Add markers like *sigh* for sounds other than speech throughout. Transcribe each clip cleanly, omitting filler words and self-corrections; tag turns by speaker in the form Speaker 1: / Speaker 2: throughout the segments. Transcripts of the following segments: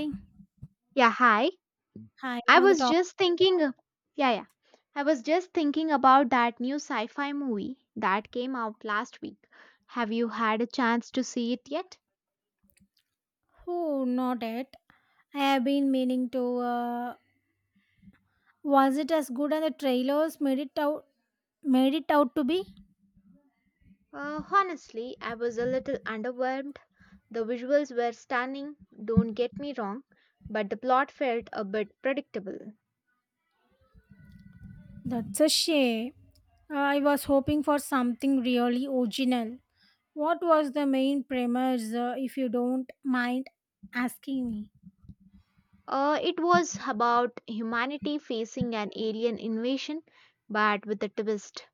Speaker 1: Hey,
Speaker 2: Yeah, hi.
Speaker 1: hi,
Speaker 2: I
Speaker 1: another
Speaker 2: was
Speaker 1: talk.
Speaker 2: just thinking, yeah, yeah. I was just thinking about that new sci fi movie that came out last week. Have you had a chance to see it yet?
Speaker 1: Oh, not it. I have been meaning to. Uh, was it as good as the trailers made it out? Made it out to be?
Speaker 2: Honestly, I was a little underwhelmed. The visuals were stunning, don't get me wrong, but the plot felt a bit predictable.
Speaker 1: That's a shame. I was hoping for something really original. What was the main premise, if you don't mind asking me?
Speaker 2: It was about humanity facing an alien invasion, but with a twist.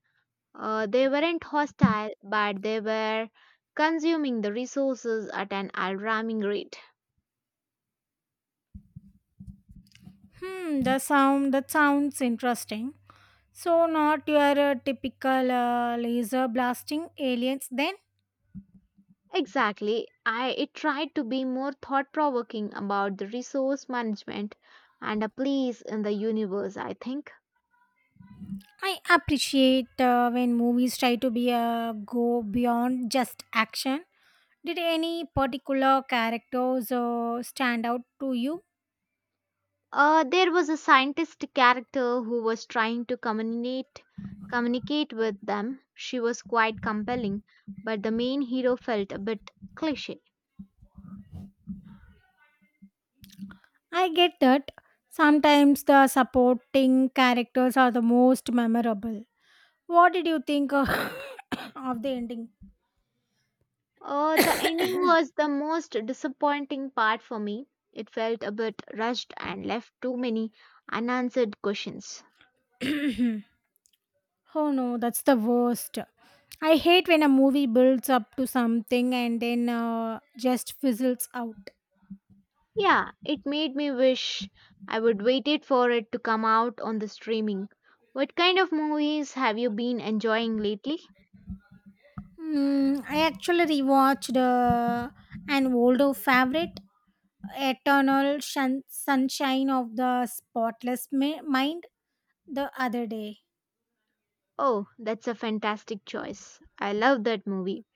Speaker 2: They weren't hostile, but they were consuming the resources at an alarming rate.
Speaker 1: Hmm, the sound that sounds interesting. So, not your typical laser blasting aliens then?
Speaker 2: Exactly. I It tried to be more thought provoking about the resource management and a place in the universe, I think.
Speaker 1: I appreciate when movies try to be go beyond just action. Did any particular characters stand out to you?
Speaker 2: There was a scientist character who was trying to communicate with them. She was quite compelling, but the main hero felt a bit cliche.
Speaker 1: I get that sometimes the supporting characters are the most memorable. What did you think of, *coughs* of the ending?
Speaker 2: The ending was the most disappointing part for me. It felt a bit rushed and left too many unanswered questions.
Speaker 1: *coughs* Oh no, that's the worst. I hate when a movie builds up to something and then just fizzles out.
Speaker 2: Yeah, it made me wish I would waited for it to come out on the streaming. What kind of movies have you been enjoying lately?
Speaker 1: Mm, I actually rewatched an older favorite, Sunshine of the Mind, the other day.
Speaker 2: Oh, that's a fantastic choice. I love that movie.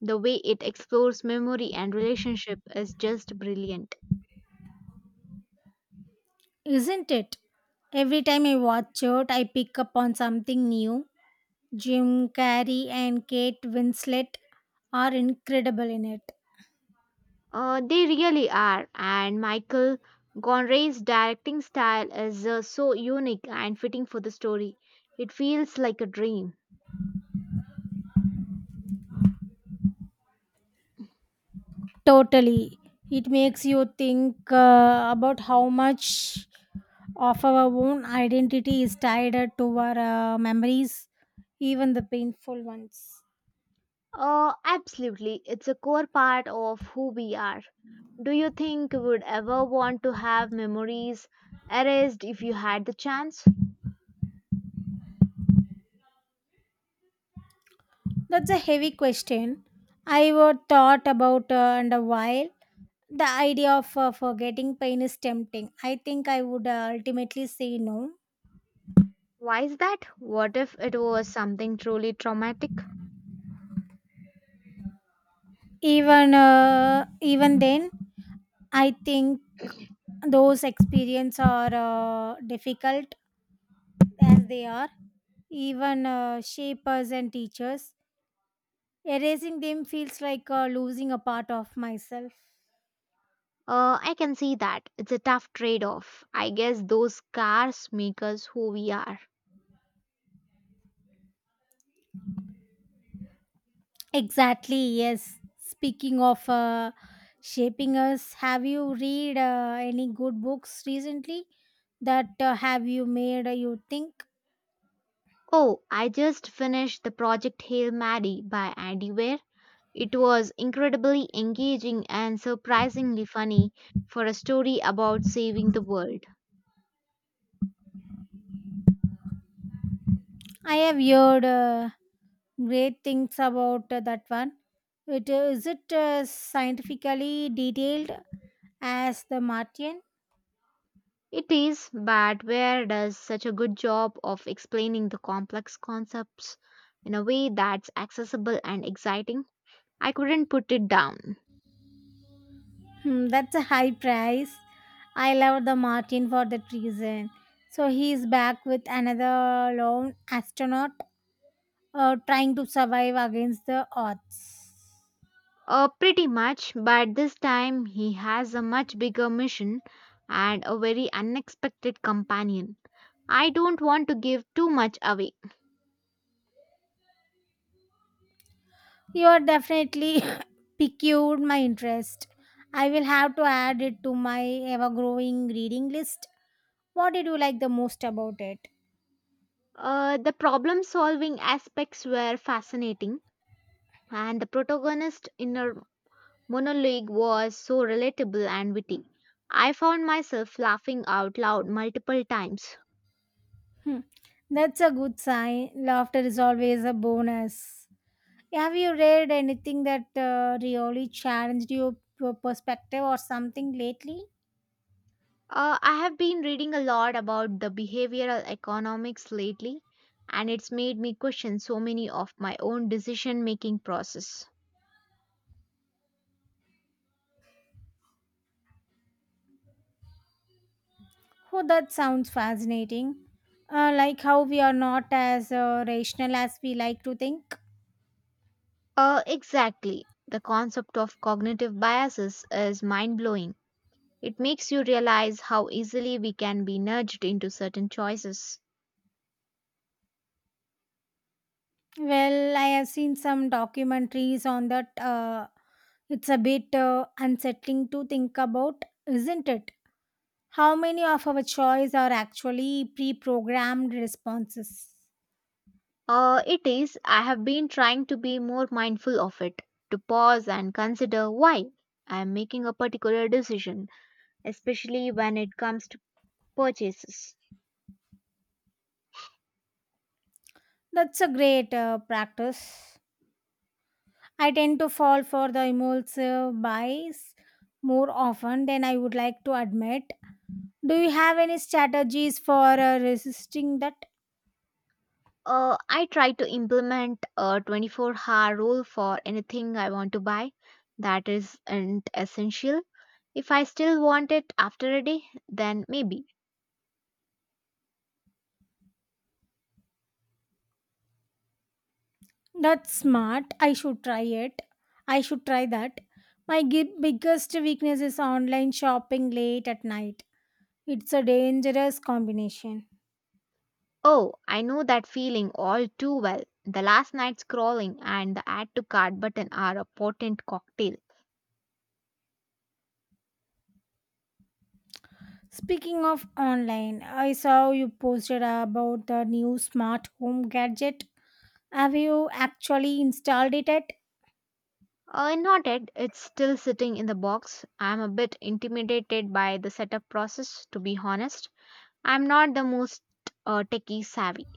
Speaker 2: The way it explores memory and relationship is just brilliant.
Speaker 1: Isn't it? Every time I watch it, I pick up on something new. Jim Carrey and Kate Winslet are incredible in it.
Speaker 2: They really are, and Michael Gonre's directing style is so unique and fitting for the story. It feels like a dream.
Speaker 1: Totally. It makes you think about how much of our own identity is tied to our memories, even the painful ones.
Speaker 2: Absolutely, it's a core part of who we are. Do you think you would ever want to have memories erased if you had the chance?
Speaker 1: That's a heavy question. I would thought about and a while. The idea of forgetting pain is tempting. I think I would ultimately say no.
Speaker 2: Why is that? What if it was something truly traumatic?
Speaker 1: Even then, I think those experiences are difficult as they are even shapers and teachers. Erasing them feels like losing a part of myself.
Speaker 2: I can see that. It's a tough trade off. I guess those scars make us who we are.
Speaker 1: Exactly, yes. Speaking of shaping us, have you read any good books recently that have you made you think?
Speaker 2: Oh, I just finished the project Hail Mary by Andy Weir. It was incredibly engaging and surprisingly funny for a story about saving the world.
Speaker 1: I have heard great things about that one. It, is it scientifically detailed as the Martian?
Speaker 2: It is, but Weir does such a good job of explaining the complex concepts in a way that's accessible and exciting. I couldn't put it down.
Speaker 1: Hmm, that's a high price. I love the Martin for that reason. So he is back with another lone astronaut trying to survive against the odds.
Speaker 2: Pretty much, but this time he has a much bigger mission and a very unexpected companion. I don't want to give too much away.
Speaker 1: You are definitely *laughs* *coughs* piqued my interest. I will have to add it to my ever growing reading list. What did you like the most about it?
Speaker 2: The problem solving aspects were fascinating, and the protagonist's inner monologue was so relatable and witty. I found myself laughing out loud multiple times.
Speaker 1: Hmm, that's a good sign. Laughter is always a bonus. Have you read anything that really challenged your perspective or something lately?
Speaker 2: I have been reading a lot about the behavioral economics lately, and it's made me question so many of my own decision making process.
Speaker 1: Oh, that sounds fascinating. Like how we are not as rational as we like to think.
Speaker 2: Exactly. The concept of cognitive biases is mind blowing. It makes you realize how easily we can be nudged into certain choices.
Speaker 1: Well, I have seen some documentaries on that. It's a bit unsettling to think about, isn't it? How many of our choices are actually pre programmed responses?
Speaker 2: It is, I have been trying to be more mindful of it, to pause and consider why I am making a particular decision, especially when it comes to purchases.
Speaker 1: That's a great practice. I tend to fall for the impulsive buys more often than I would like to admit. Do you have any strategies for resisting that?
Speaker 2: I try to implement a 24-hour rule for anything I want to buy that isn't essential. If I still want it after a day, then maybe.
Speaker 1: That's smart. I should try it. I should try that. My biggest weakness is online shopping late at night. It's a dangerous combination.
Speaker 2: Oh, I know that feeling all too well. The last night's crawling and the add to cart button are a potent cocktail.
Speaker 1: Speaking of online, I saw you posted about the new smart home gadget. Have you actually installed it yet?
Speaker 2: Not yet, it's still sitting in the box. I'm a bit intimidated by the setup process, to be honest. I'm not the most techie savvy.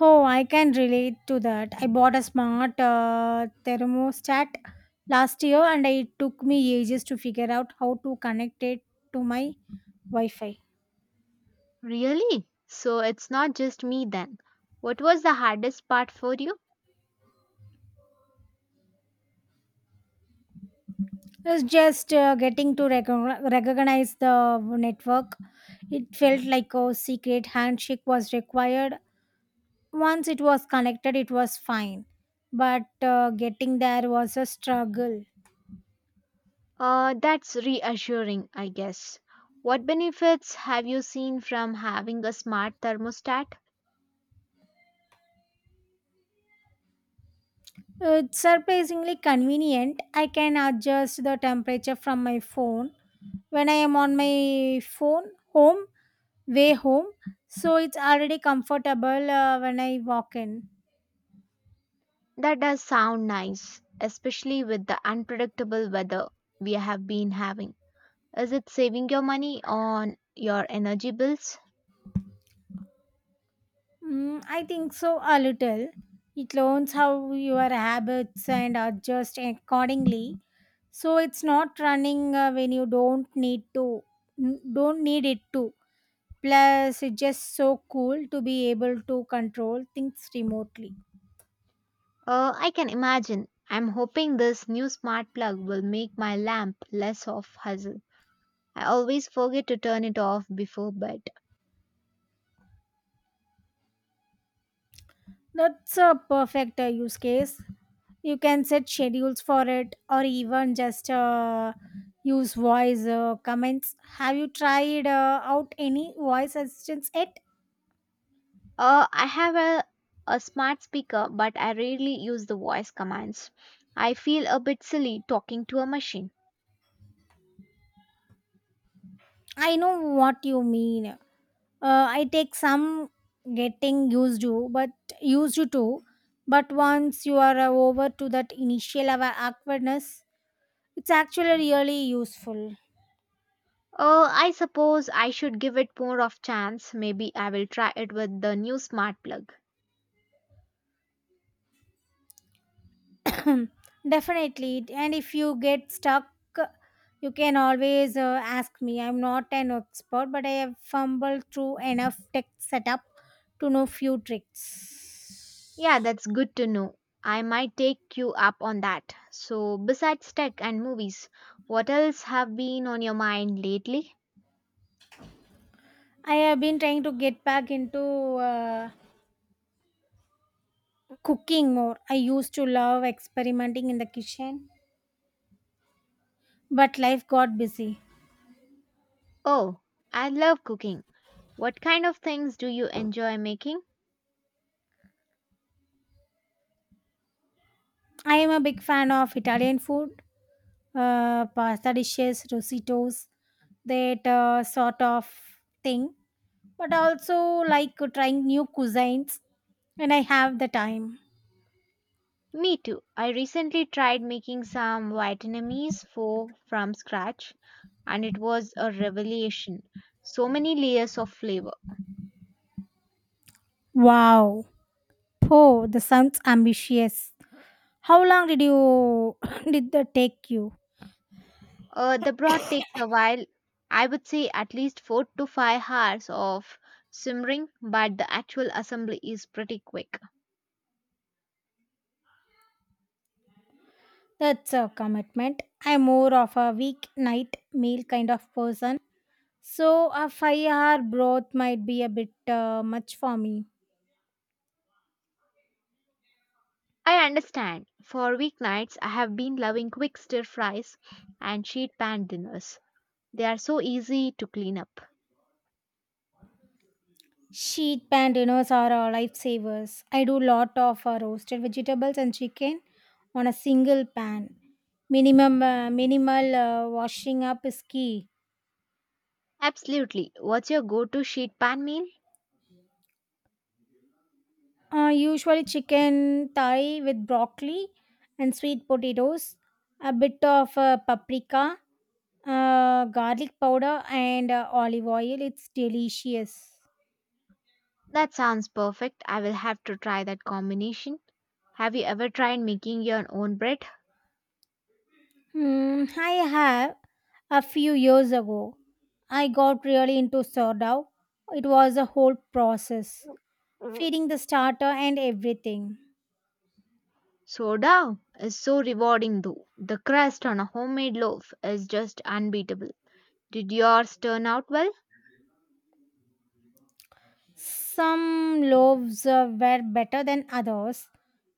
Speaker 1: Oh, I can relate to that. I bought a smart thermostat last year and it took me ages to figure out how to connect it to my Wi Fi.
Speaker 2: Really? So it's not just me then. What was the hardest part for you?
Speaker 1: It's just getting to recognize the network. It felt like a secret handshake was required. Once it was connected, it was fine. But getting there was a struggle.
Speaker 2: That's reassuring, I guess. What benefits have you seen from having a smart thermostat?
Speaker 1: It's surprisingly convenient. I can adjust the temperature from my phone when I am on my phone home way home. So it's already comfortable when I walk in.
Speaker 2: That does sound nice, especially with the unpredictable weather we have been having. Is it saving your money on your energy bills?
Speaker 1: Mm, I think so a little. It learns how your habits and adjust accordingly. So it's not running when you don't need don't need it to. Plus, it's just so cool to be able to control things remotely.
Speaker 2: I can imagine. I'm hoping this new smart plug will make my lamp less of hassle. I always forget to turn it off before bed.
Speaker 1: That's a perfect use case. You can set schedules for it or even just use voice comments. Have you tried out any voice assistants yet?
Speaker 2: I have a smart speaker, but I rarely use the voice commands. I feel a bit silly talking to a machine.
Speaker 1: I know what you mean. I take some getting used to, but used to too. But once you are over to that initial awkwardness, it's actually really useful.
Speaker 2: Oh, I suppose I should give it more of chance. Maybe I will try it with the new smart plug.
Speaker 1: *clears throat* Definitely. And if you get stuck, you can always ask me. I'm not an expert, but I have fumbled through enough tech setup to know few
Speaker 2: Yeah,
Speaker 1: tricks.
Speaker 2: that's good to know. I might take you up on that. So, besides tech and movies, what else have been on your mind lately?
Speaker 1: I have been trying to get back into uh, cooking more. I used to love experimenting in the kitchen, but life got busy.
Speaker 2: Oh, I love cooking. What kind of things do you enjoy making?
Speaker 1: I am a big fan of Italian food, pasta dishes, rositos, that sort of thing. But also like trying new cuisines when I have the time.
Speaker 2: Me too. I recently tried making some Vietnamese pho from scratch and it was a revelation. So many layers of flavor.
Speaker 1: Wow. Oh, the sounds ambitious. How long did you *coughs* *laughs* did that take you?
Speaker 2: The broth takes a while, I would say at least 4 to 5 hours of simmering, but the actual assembly is pretty quick.
Speaker 1: That's a commitment. I'm more of a weeknight meal kind of person. So a 5 hour broth might be a bit much for me.
Speaker 2: I understand. For weeknights, I have been loving quick stir fries and sheet pan dinners. They are so easy to clean up.
Speaker 1: Sheet pan dinners are lifesavers. I do lot of roasted vegetables and chicken on a single pan. Minimum Minimal washing up is key.
Speaker 2: Absolutely. What's your go to sheet pan meal?
Speaker 1: Usually chicken thigh with broccoli and sweet potatoes, a bit of paprika, garlic powder, and olive oil. It's delicious.
Speaker 2: That sounds perfect. I will have to try that combination. Have you ever tried making your own bread?
Speaker 1: Hmm, I have. A few years ago, I got really into sourdough. It was a whole process, feeding the starter and everything.
Speaker 2: Soda is so rewarding though. The crust on a homemade loaf is just unbeatable. Did yours turn out well?
Speaker 1: Some loaves were better than others.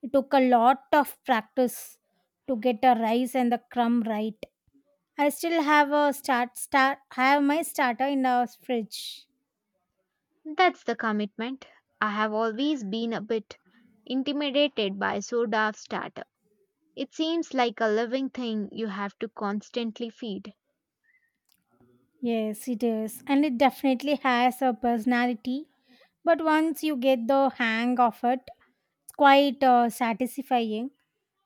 Speaker 1: It took a lot of practice to get the rice and the crumb right. I still have my starter in the fridge.
Speaker 2: That's the commitment. I have always been a bit intimidated by soda starter. It seems like a living thing you have to constantly feed.
Speaker 1: Yes, it is, and it definitely has a personality. But once you get the hang of it, it's quite satisfying.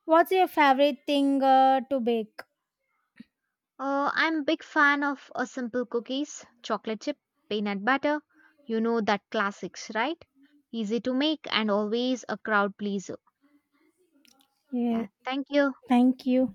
Speaker 1: What's your favorite thing to bake?
Speaker 2: I'm a big fan of a simple cookies, chocolate chip, peanut butter. You know that classics, right? Easy to make and always a crowd pleaser.
Speaker 1: Yeah,
Speaker 2: Yeah, thank you.
Speaker 1: thank you.